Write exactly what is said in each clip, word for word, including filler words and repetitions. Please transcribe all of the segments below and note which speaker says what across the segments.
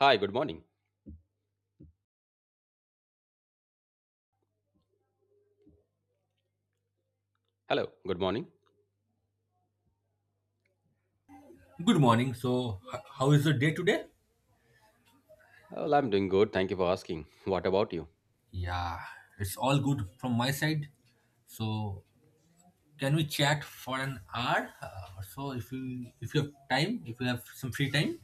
Speaker 1: Hi, good morning. Hello, good morning.
Speaker 2: Good morning. So, h- how is the day today?
Speaker 1: Well, I'm doing good. Thank you for asking. What about you?
Speaker 2: Yeah, it's all good from my side. So, can we chat for an hour uh, or so if you if you have time, if you have some free time?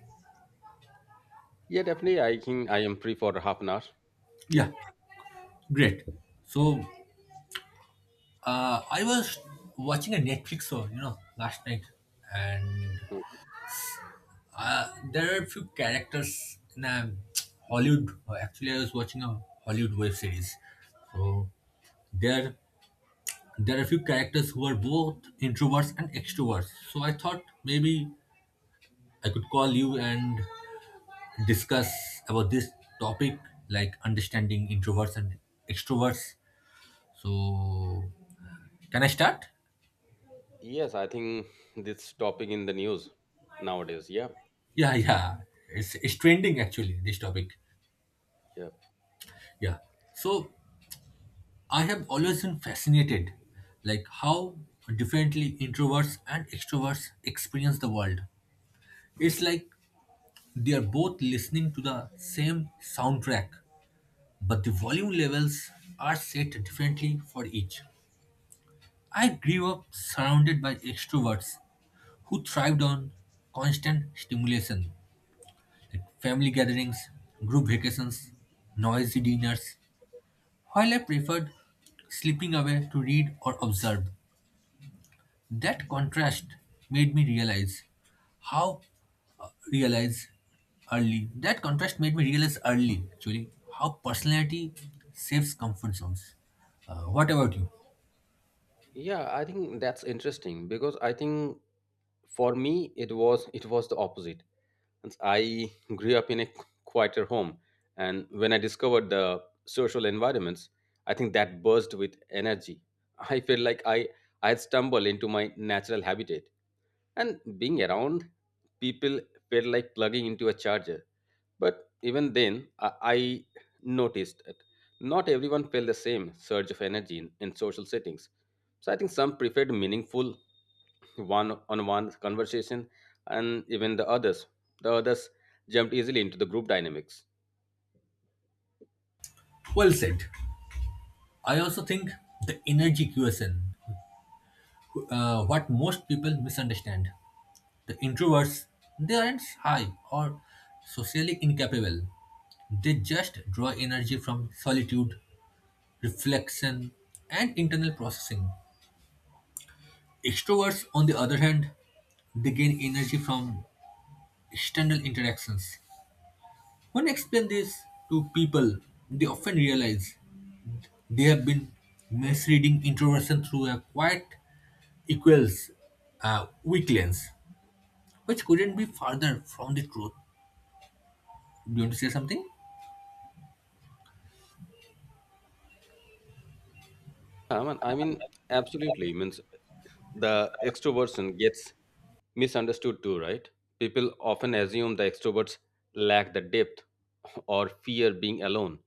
Speaker 1: Yeah, definitely. I think I am free for half an hour. Yeah.
Speaker 2: Yeah, great. So, uh, I was watching a Netflix show, you know, last night, and
Speaker 1: Hmm.
Speaker 2: uh, there are a few characters in a Hollywood. Actually, I was watching a Hollywood web series, so there there are a few characters who are both introverts and extroverts. So I thought maybe I could call you and discuss about this topic, like understanding introverts and extroverts. So can I start?
Speaker 1: Yes, I think this topic in the news nowadays. Yeah.
Speaker 2: Yeah, yeah. It's, it's trending actually, this topic.
Speaker 1: Yeah.
Speaker 2: Yeah. So I have always been fascinated, like how differently introverts and extroverts experience the world. It's like they are both listening to the same soundtrack but the volume levels are set differently for each. I grew up surrounded by extroverts who thrived on constant stimulation, like family gatherings, group vacations, noisy dinners, while I preferred slipping away to read or observe. That contrast made me realize how uh, realize early. That contrast made me realize early, actually, how personality saves comfort zones. Uh, what about you?
Speaker 1: Yeah, I think that's interesting because I think for me it was it was the opposite. And I grew up in a quieter home, and when I discovered the social environments, I think that burst with energy. I feel like I I had stumbled into my natural habitat, and being around people felt like plugging into a charger. But even then, I, I noticed that not everyone felt the same surge of energy in, in social settings. So I think some preferred meaningful one-on-one conversation, and even the others, the others jumped easily into the group dynamics.
Speaker 2: Well said. I also think the energy question, uh, what most people misunderstand. The introverts, they aren't shy or socially incapable. They just draw energy from solitude, reflection, and internal processing. Extroverts, on the other hand, they gain energy from external interactions. When I explain this to people, they often realize they have been misreading introversion through a quiet equals uh, weak lens, which couldn't be farther from the truth. Do you want to say something?
Speaker 1: I mean, I mean absolutely means the extroversion gets misunderstood too, right? People often assume the extroverts lack the depth or fear being alone.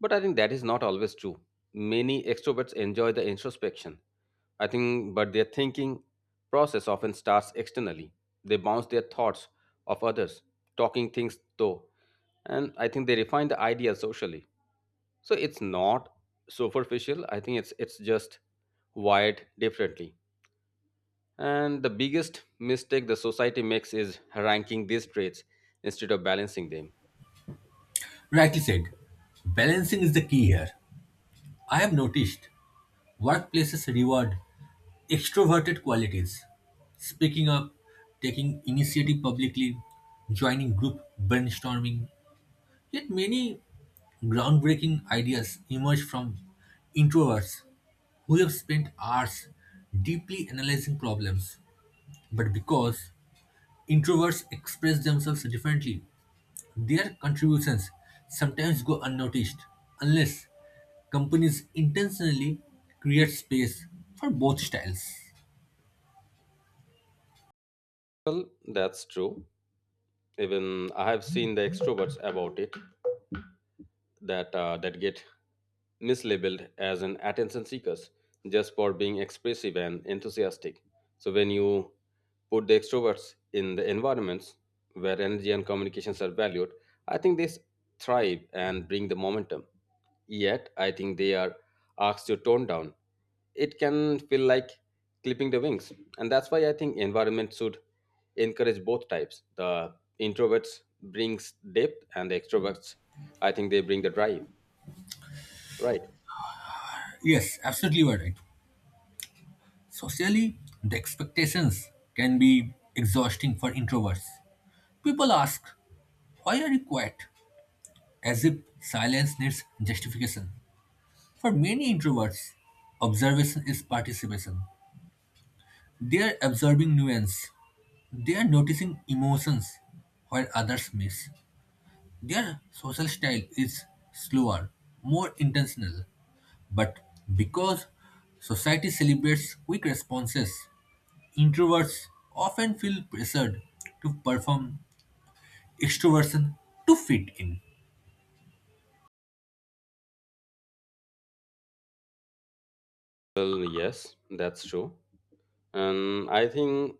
Speaker 1: But I think that is not always true. Many extroverts enjoy the introspection. I think, but their thinking process often starts externally. They bounce their thoughts off others, talking things though. And I think they refine the idea socially. So it's not superficial. I think it's it's just wired differently. And the biggest mistake the society makes is ranking these traits instead of balancing them.
Speaker 2: Rightly said. Balancing is the key here. I have noticed workplaces reward extroverted qualities, speaking up, taking initiative publicly, joining group brainstorming. Yet many groundbreaking ideas emerge from introverts who have spent hours deeply analyzing problems. But because introverts express themselves differently, their contributions sometimes go unnoticed unless companies intentionally create space for both styles.
Speaker 1: Well, that's true. Even I have seen the extroverts about it that uh, that get mislabeled as an attention seekers just for being expressive and enthusiastic. So when you put the extroverts in the environments where energy and communications are valued, I think they thrive and bring the momentum. Yet I think they are asked to tone down, it can feel like clipping the wings. And that's why I think environment should encourage both types. The introverts brings depth, and the extroverts, I think they bring the drive. Right.
Speaker 2: Yes, absolutely you are right. Socially, the expectations can be exhausting for introverts. People ask, why are you quiet? As if silence needs justification. For many introverts, observation is participation. They are observing nuance. They are noticing emotions while others miss. Their social style is slower, more intentional. But because society celebrates quick responses, introverts often feel pressured to perform extroversion to fit in.
Speaker 1: Well, yes, that's true. And I think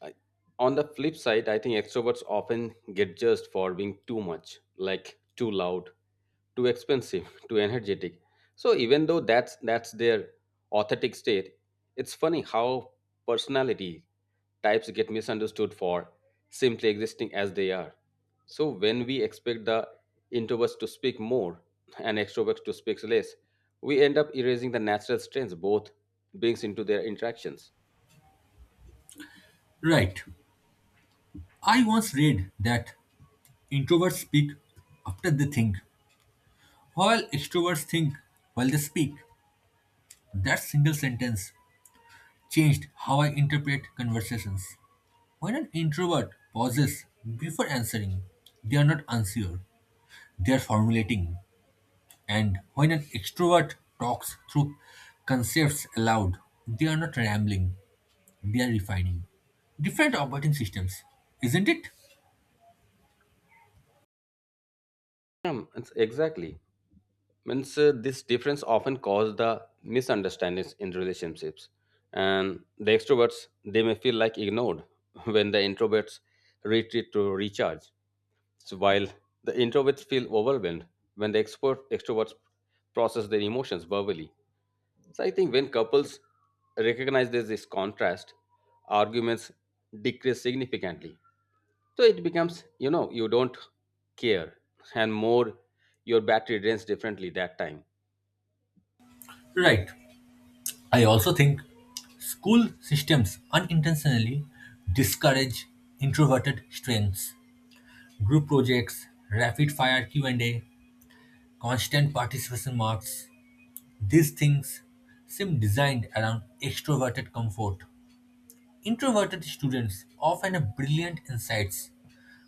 Speaker 1: I- on the flip side, I think extroverts often get judged for being too much, like too loud, too expensive, too energetic. So even though that's that's their authentic state, it's funny how personality types get misunderstood for simply existing as they are. So when we expect the introverts to speak more and extroverts to speak less, we end up erasing the natural strengths both brings into their interactions.
Speaker 2: Right. I once read that introverts speak after they think, while extroverts think while they speak. That single sentence changed how I interpret conversations. When an introvert pauses before answering, they are not unsure, they are formulating. And when an extrovert talks through concepts aloud, they are not rambling, they are refining. Different operating systems, isn't it?
Speaker 1: Um, it's- exactly. Means uh, this difference often cause the misunderstandings in relationships, and the extroverts they may feel like ignored when the introverts retreat to recharge. So while the introverts feel overwhelmed when the expert extroverts process their emotions verbally, so I think when couples recognize this, this contrast, arguments decrease significantly. So it becomes you know you don't care, and more your battery drains differently that time.
Speaker 2: Right. I also think school systems unintentionally discourage introverted strengths. Group projects, rapid fire Q and A, constant participation marks, these things seem designed around extroverted comfort. Introverted students often have brilliant insights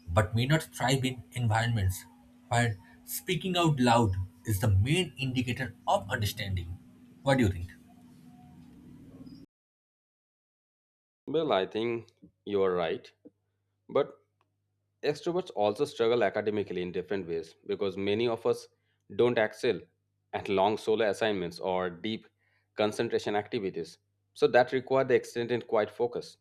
Speaker 2: but may not thrive in environments where speaking out loud is the main indicator of understanding. What do you think?
Speaker 1: Well, I think you are right. But extroverts also struggle academically in different ways because many of us don't excel at long solo assignments or deep concentration activities. So that require the extended quiet focus.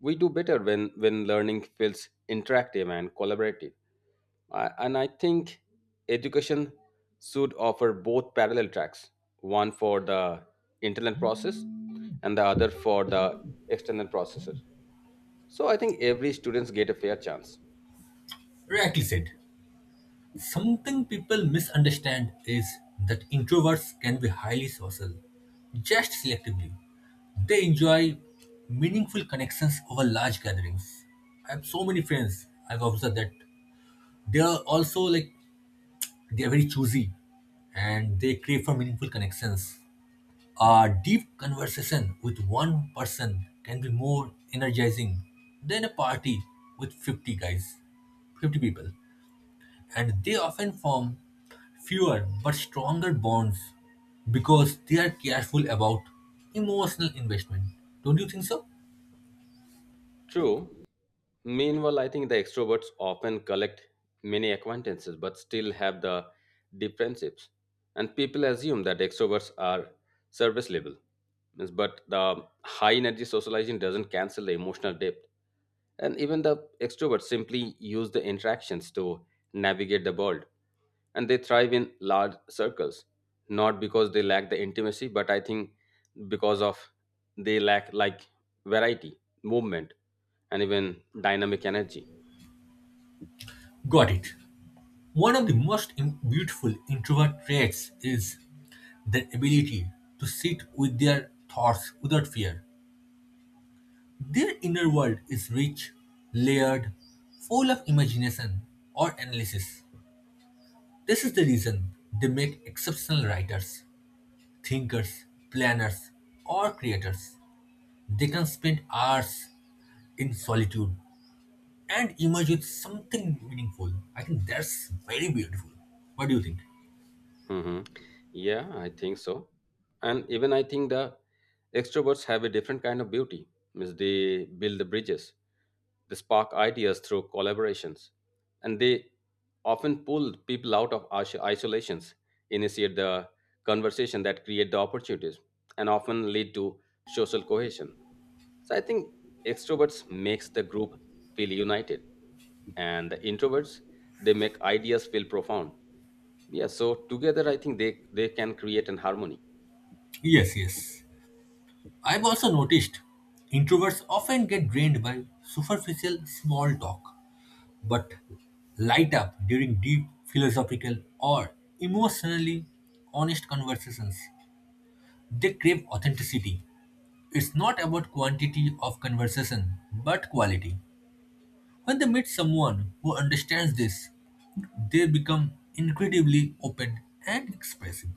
Speaker 1: We do better when, when learning feels interactive and collaborative. I, and I think education should offer both parallel tracks, one for the internal process and the other for the external processes. So I think every students get a fair chance.
Speaker 2: Rightly said. Something people misunderstand is that introverts can be highly social, just selectively. They enjoy meaningful connections over large gatherings. I have so many friends. I've observed that they are also like they are very choosy and they crave for meaningful connections. A deep conversation with one person can be more energizing than a party with fifty guys, fifty people, and they often form fewer but stronger bonds because they are careful about emotional investment. Don't you think so?
Speaker 1: True. Meanwhile, I think the extroverts often collect many acquaintances but still have the deep friendships. And people assume that extroverts are service level. Means- But the high energy socializing doesn't cancel the emotional depth. And even the extroverts simply use the interactions to navigate the world. And they thrive in large circles, not because they lack the intimacy, but I think because of they lack like variety, movement, and even dynamic energy.
Speaker 2: Got it. One of the most im- beautiful introvert traits is the ability to sit with their thoughts without fear. Their inner world is rich, layered, full of imagination or analysis. This is the reason they make exceptional writers, thinkers, planners, or creators. They can spend hours in solitude and emerge with something meaningful. I think that's very beautiful. What do you think?
Speaker 1: Mhm. Yeah, I think so. And even I think the extroverts have a different kind of beauty. Means they build the bridges, they spark ideas through collaborations, and they often pull people out of is- isolations, initiate the conversation that create the opportunities, and often lead to social cohesion. So I think extroverts makes the group feel united, and the introverts they make ideas feel profound. Yeah, so together I think they they can create an harmony.
Speaker 2: Yes, yes. I've also noticed introverts often get drained by superficial small talk, but light up during deep philosophical or emotionally honest conversations. They crave authenticity. It's not about quantity of conversation, but quality. When they meet someone who understands this, they become incredibly open and expressive.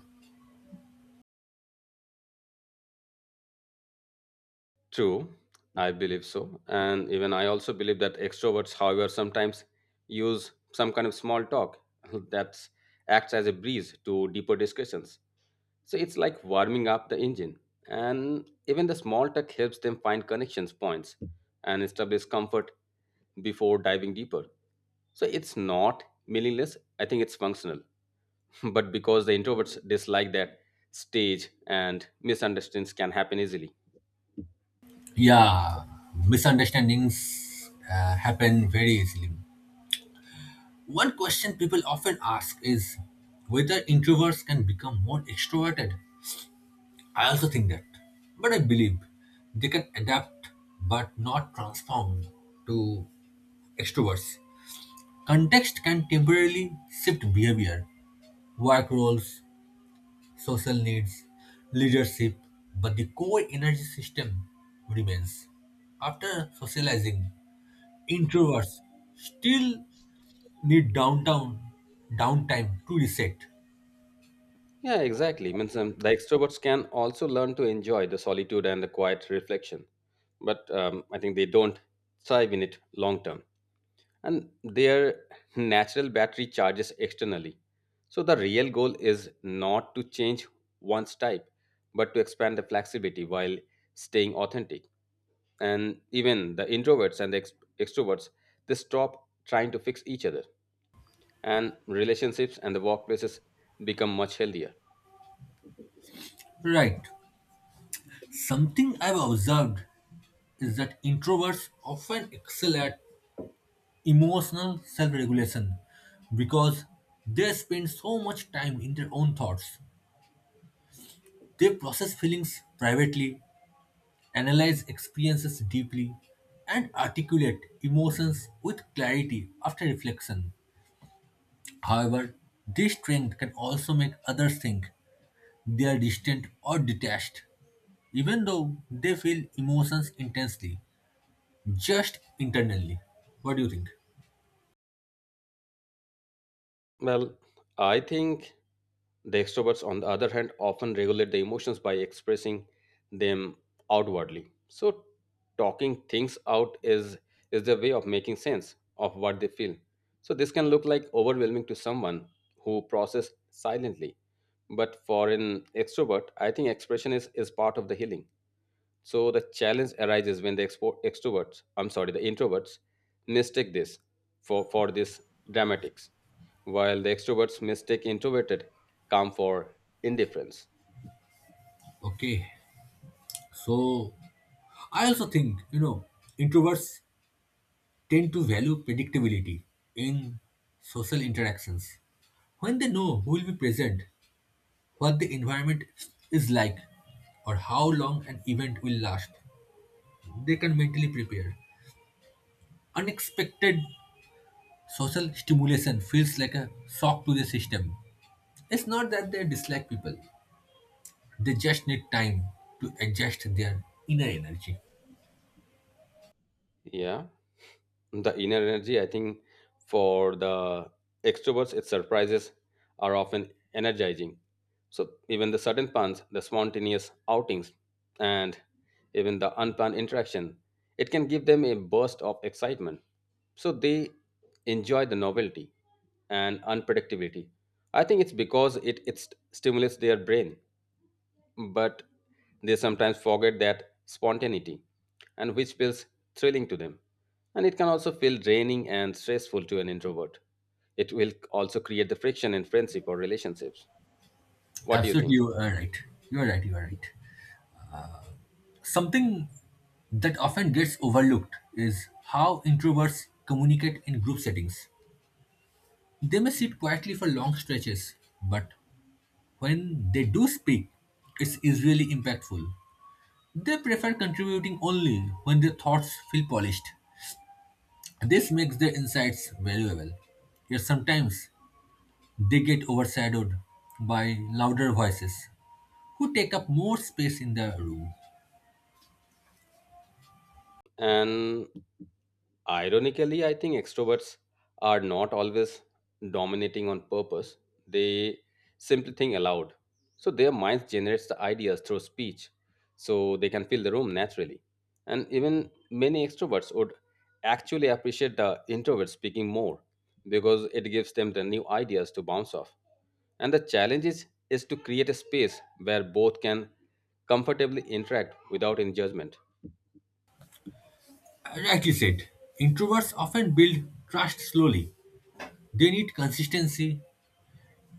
Speaker 1: True, I believe so. And even I also believe that extroverts, however, sometimes use some kind of small talk that acts as a breeze to deeper discussions. So it's like warming up the engine. And even the small talk helps them find connections points and establish comfort before diving deeper. So it's not meaningless, I think it's functional. But because the introverts dislike that stage, and misunderstandings can happen easily.
Speaker 2: Yeah, misunderstandings uh, happen very easily. One question people often ask is whether introverts can become more extroverted. I also think that. But I believe they can adapt but not transform to extroverts. Context can temporarily shift behavior, work roles, social needs, leadership, but the core energy system remains. After socializing, introverts still need downtown downtime to reset.
Speaker 1: Yeah, exactly. Means um, the extroverts can also learn to enjoy the solitude and the quiet reflection, but um, I think they don't thrive in it long term, and their natural battery charges externally. So the real goal is not to change one's type but to expand the flexibility while staying authentic. And even the introverts and the ex- extroverts, they stop trying to fix each other, and relationships and the workplaces become much healthier.
Speaker 2: Right. Something I've observed is that introverts often excel at emotional self regulation because they spend so much time in their own thoughts. They process feelings privately, analyze experiences deeply, and articulate emotions with clarity after reflection. However, this strength can also make others think they are distant or detached, even though they feel emotions intensely, just internally. What do you think?
Speaker 1: Well, I think the extroverts on the other hand often regulate the emotions by expressing them outwardly. So talking things out is is their way of making sense of what they feel. So this can look like overwhelming to someone who process silently, but for an extrovert I think expression is is part of the healing. So the challenge arises when the expo- extroverts, I'm sorry, the introverts mistake this for, for this dramatics, while the extroverts mistake introverted calm for indifference.
Speaker 2: Okay, so I also think, you know, introverts tend to value predictability in social interactions. When they know who will be present, what the environment is like, or how long an event will last, they can mentally prepare. Unexpected social stimulation feels like a shock to the system. It's not that they dislike people, they just need time to adjust their inner energy.
Speaker 1: Yeah. The inner energy I think for the extroverts, its surprises are often energizing. So even the sudden puns, the spontaneous outings, and even the unplanned interaction, it can give them a burst of excitement. So they enjoy the novelty and unpredictability. I think it's because it, it st- stimulates their brain. But they sometimes forget that spontaneity and which feels thrilling to them, and it can also feel draining and stressful to an introvert. It will also create the friction in friendship or relationships. What do you
Speaker 2: Absolutely,
Speaker 1: think?
Speaker 2: you are right. You are right. You are right. Something that often gets overlooked is how introverts communicate in group settings. They may sit quietly for long stretches, but when they do speak, it's usually impactful. They prefer contributing only when their thoughts feel polished. This makes their insights valuable. Yet sometimes they get overshadowed by louder voices who take up more space in the room.
Speaker 1: And ironically, I think extroverts are not always dominating on purpose. They simply think aloud. So their minds generates the ideas through speech, so they can fill the room naturally. And even many extroverts would actually appreciate the introverts speaking more because it gives them the new ideas to bounce off. And the challenge is, is to create a space where both can comfortably interact without any judgment.
Speaker 2: Rightly said, introverts often build trust slowly. They need consistency,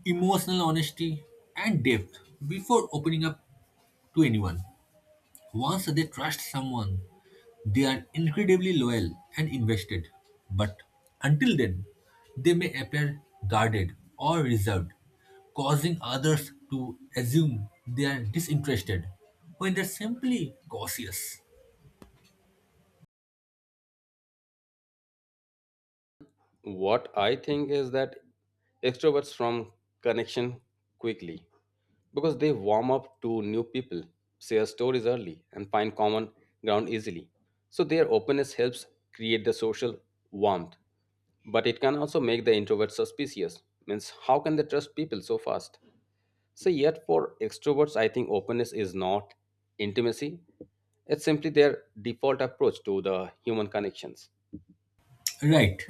Speaker 2: emotional honesty, and depth before opening up to anyone. Once they trust someone, they are incredibly loyal and invested. But until then, they may appear guarded or reserved, causing others to assume they are disinterested when they're simply cautious.
Speaker 1: What I think is that extroverts form connection quickly because they warm up to new people, share stories early, and find common ground easily. So their openness helps create the social warmth, but it can also make the introvert suspicious. Means how can they trust people so fast? So yet for extroverts, I think openness is not intimacy. It's simply their default approach to the human connections.
Speaker 2: Right.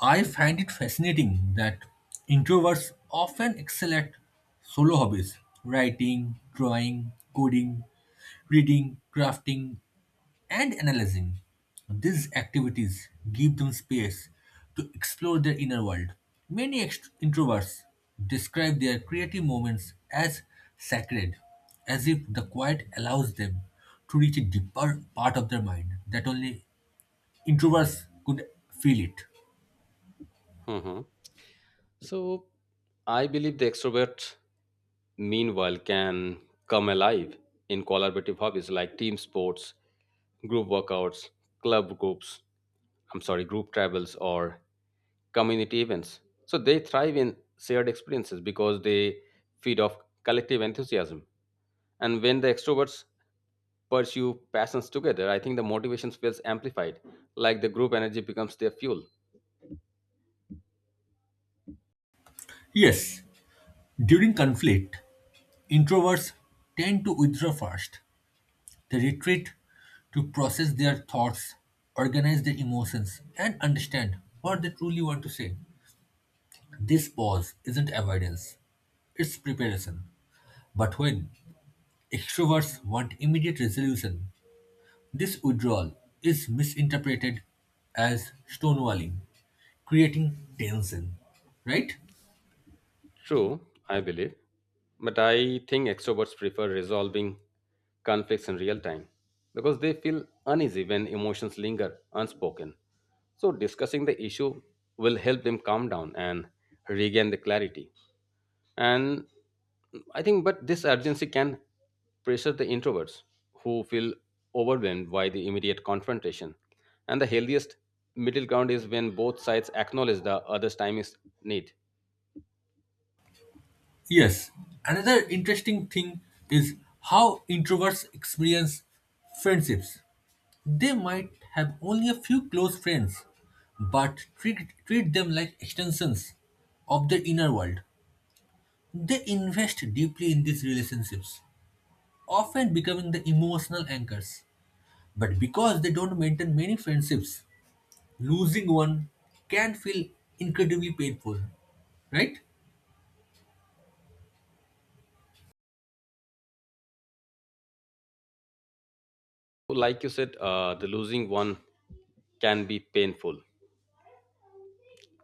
Speaker 2: I find it fascinating that introverts often excel at solo hobbies: writing, drawing, coding, reading, crafting, and analyzing. These activities give them space to explore their inner world. Many ext- introverts describe their creative moments as sacred, as if the quiet allows them to reach a deeper part of their mind that only introverts could feel it.
Speaker 1: Mhm. So I believe the extrovert, meanwhile, can come alive in collaborative hobbies like team sports, group workouts, club groups, I'm sorry, group travels, or community events. So they thrive in shared experiences because they feed off collective enthusiasm. And when the extroverts pursue passions together, I think the motivation feels amplified, like the group energy becomes their fuel.
Speaker 2: Yes, during conflict, introverts tend to withdraw first. They retreat to process their thoughts, organize their emotions, and understand what they truly want to say. This pause isn't avoidance, it's preparation. But when extroverts want immediate resolution, this withdrawal is misinterpreted as stonewalling, creating tension, right?
Speaker 1: True, I believe, but I think extroverts prefer resolving conflicts in real time because they feel uneasy when emotions linger unspoken. So, discussing the issue will help them calm down and regain the clarity. And I think, but this urgency can pressure the introverts who feel overwhelmed by the immediate confrontation. And the healthiest middle ground is when both sides acknowledge the other's time is need.
Speaker 2: Yes, another interesting thing is how introverts experience friendships. They might have only a few close friends, but treat, treat them like extensions of their inner world. They invest deeply in these relationships, often becoming the emotional anchors. But because they don't maintain many friendships, losing one can feel incredibly painful, right?
Speaker 1: Like you said, uh, the losing one can be painful.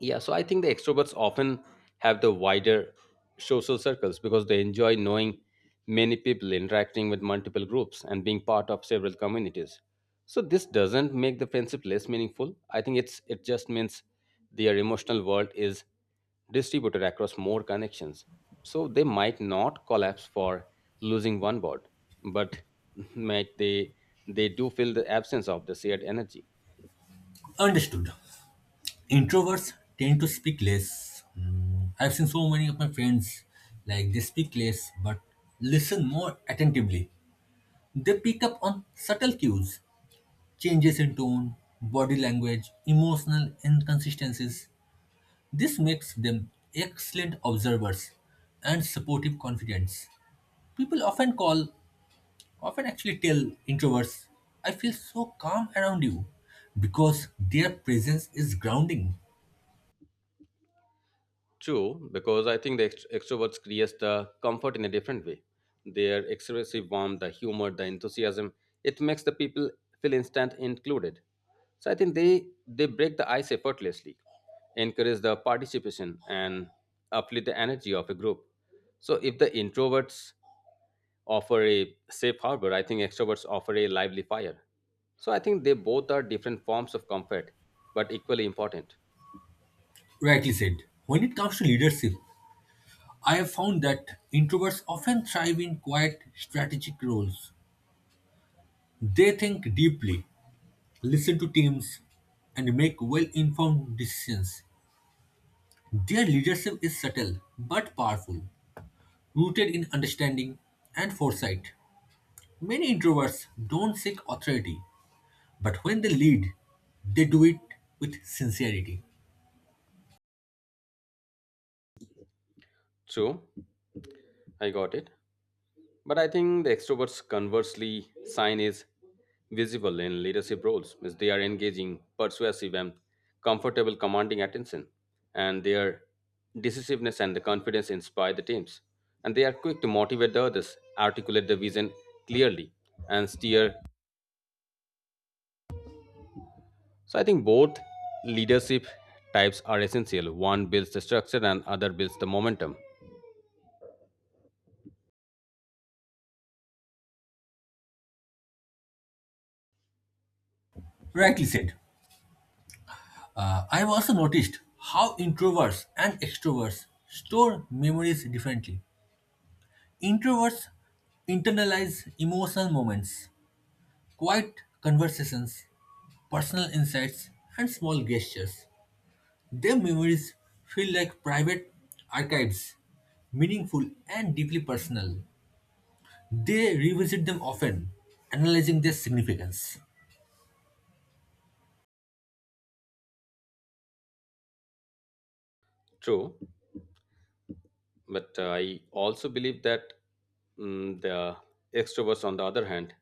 Speaker 1: Yeah, so I think the extroverts often have the wider social circles because they enjoy knowing many people, interacting with multiple groups, and being part of several communities. So this doesn't make the friendship less meaningful. I think it's it just means their emotional world is distributed across more connections. So they might not collapse for losing one board, but might they they do feel the absence of the shared energy.
Speaker 2: Understood. Introverts tend to speak less. Mm, I've seen so many of my friends, like they speak less but listen more attentively. They pick up on subtle cues, changes in tone, body language, emotional inconsistencies. This makes them excellent observers and supportive confidence. People often call, often actually tell introverts, I feel so calm around you, because their presence is grounding.
Speaker 1: True, because I think the ext- extroverts create the comfort in a different way. Their expressive warmth, the humor, the enthusiasm, it makes the people feel instant included. So I think they they break the ice effortlessly, encourage the participation and uplift the energy of a group. So if the introverts offer a safe harbor, I think extroverts offer a lively fire. So I think they both are different forms of comfort, but equally important.
Speaker 2: Rightly said. When it comes to leadership, I have found that introverts often thrive in quiet, strategic roles. They think deeply, listen to teams, and make well informed decisions. Their leadership is subtle but powerful, rooted in understanding and foresight. Many introverts don't seek authority, but when they lead, they do it with sincerity.
Speaker 1: True, I got it. But I think the extroverts, conversely, sign is visible in leadership roles, as they are engaging, persuasive, and comfortable commanding attention. And their decisiveness and the confidence inspire the teams. And they are quick to motivate the others, articulate the vision clearly, and steer. So I think both leadership types are essential. One builds the structure, and other builds the momentum.
Speaker 2: Rightly said. Uh, I've also noticed how introverts and extroverts store memories differently. Introverts internalize emotional moments, quiet conversations, personal insights, and small gestures. Their memories feel like private archives, meaningful and deeply personal. They revisit them often, analyzing their significance.
Speaker 1: True, but uh, I also believe that mm, the extroverts, on the other hand,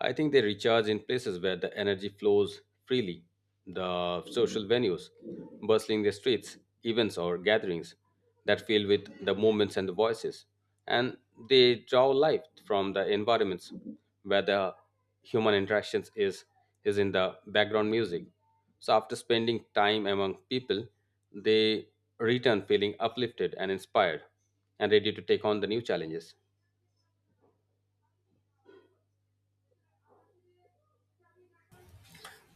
Speaker 1: I think they recharge in places where the energy flows freely, the social venues, bustling the streets, events or gatherings that fill with the movements and the voices. And they draw life from the environments where the human interactions is is in the background music. So after spending time among people, they return feeling uplifted and inspired and ready to take on the new challenges.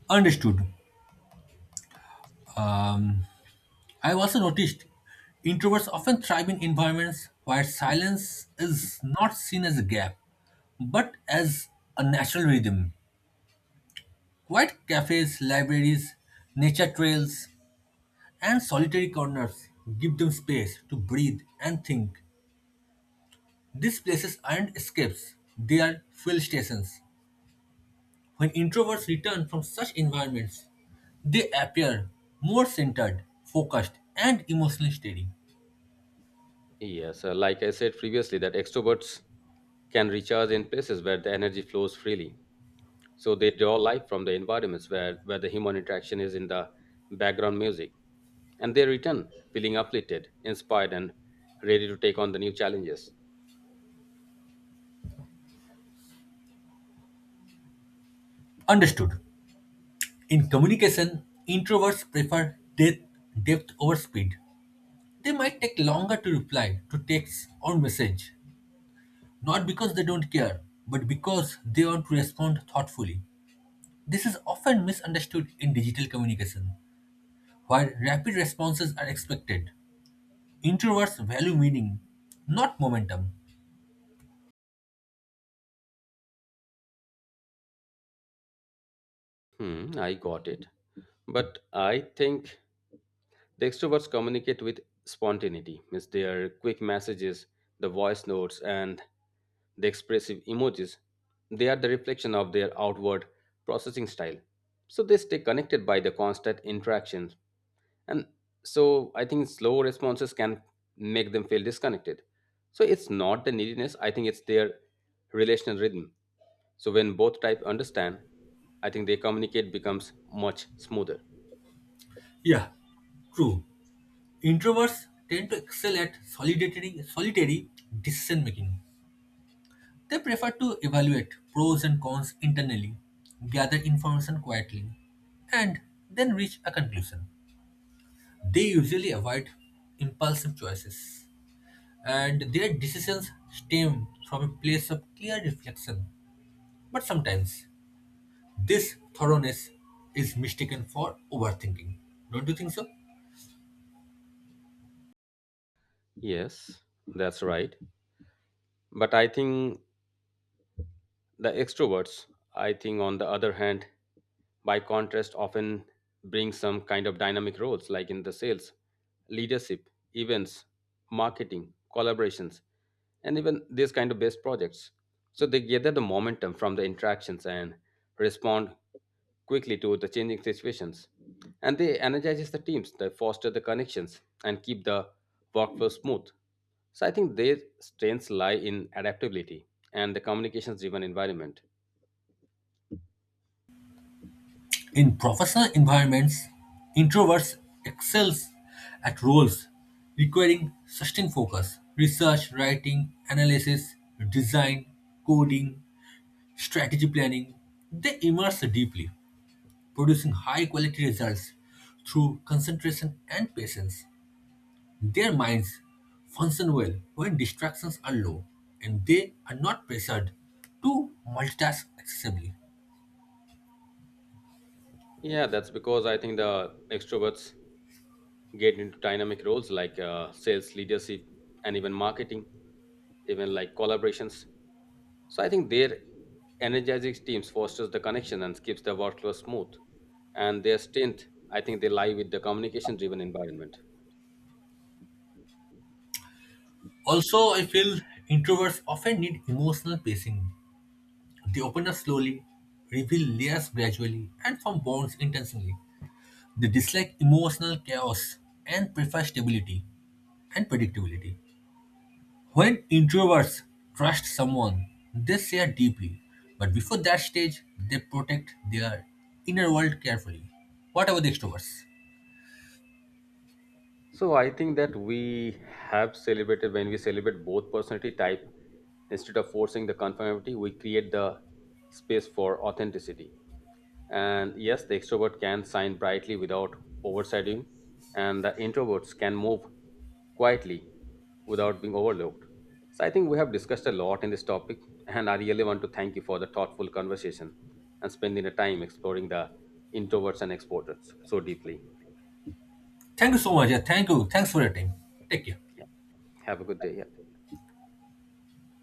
Speaker 2: Understood. Um, I've also noticed introverts often thrive in environments where silence is not seen as a gap, but as a natural rhythm. Quiet cafes, libraries, nature trails, and solitary corners give them space to breathe and think. These places aren't escapes, they are fuel stations. When introverts return from such environments, they appear more centered, focused, and emotionally steady.
Speaker 1: Yes, uh, like I said previously, that extroverts can recharge in places where the energy flows freely. So they draw life from the environments where, where the human interaction is in the background music. And they return feeling uplifted, inspired, and ready to take on the new challenges.
Speaker 2: Understood. In communication, introverts prefer depth, depth over speed. They might take longer to reply to text or message, not because they don't care, but because they want to respond thoughtfully. This is often misunderstood in digital communication, where rapid responses are expected. Introverts value meaning, not momentum.
Speaker 1: Hmm, I got it. But I think the extroverts communicate with spontaneity, means their quick messages, the voice notes, and the expressive emojis. They are the reflection of their outward processing style. So they stay connected by the constant interactions. And so I think slow responses can make them feel disconnected. So it's not the neediness, I think it's their relational rhythm. So when both type understand, I think they communicate becomes much smoother.
Speaker 2: Yeah, true. Introverts tend to excel at solitary, solitary decision making. They prefer to evaluate pros and cons internally, gather information quietly, and then reach a conclusion. They usually avoid impulsive choices, and their decisions stem from a place of clear reflection. But sometimes this thoroughness is mistaken for overthinking. Don't you think so?
Speaker 1: Yes, that's right. But I think the extroverts, I think on the other hand, by contrast, often bring some kind of dynamic roles like in the sales, leadership, events, marketing, collaborations, and even these kind of best projects. So they gather the momentum from the interactions and respond quickly to the changing situations. And they energizes the teams, they foster the connections and keep the workflow smooth. So I think their strengths lie in adaptability and the communications driven environment.
Speaker 2: In professional environments, introverts excel at roles requiring sustained focus, research, writing, analysis, design, coding, strategy planning. They immerse deeply, producing high quality results through concentration and patience. Their minds function well when distractions are low and they are not pressured to multitask excessively.
Speaker 1: Yeah, that's because I think the extroverts get into dynamic roles like uh, sales, leadership, and even marketing, even like collaborations. So I think their energizing teams fosters the connection and keeps the workflow smooth. And their strength, I think they lie with the communication driven environment.
Speaker 2: Also, I feel introverts often need emotional pacing. They open up slowly, reveal layers gradually, and form bonds intentionally. They dislike emotional chaos and prefer stability and predictability. When introverts trust someone, they share deeply, but before that stage, they protect their inner world carefully. What about the extroverts?
Speaker 1: So I think that we have celebrated when we celebrate both personality type instead of forcing the conformity, we create the space for authenticity. And yes, the extrovert can shine brightly without overshadowing, and the introverts can move quietly without being overlooked. So I think we have discussed a lot in this topic, and I really want to thank you for the thoughtful conversation and spending the time exploring the introverts and exporters so deeply.
Speaker 2: Thank you so much. Yeah, thank you. Thanks for your time. Take care.
Speaker 1: Yeah. Have a good day. Yeah.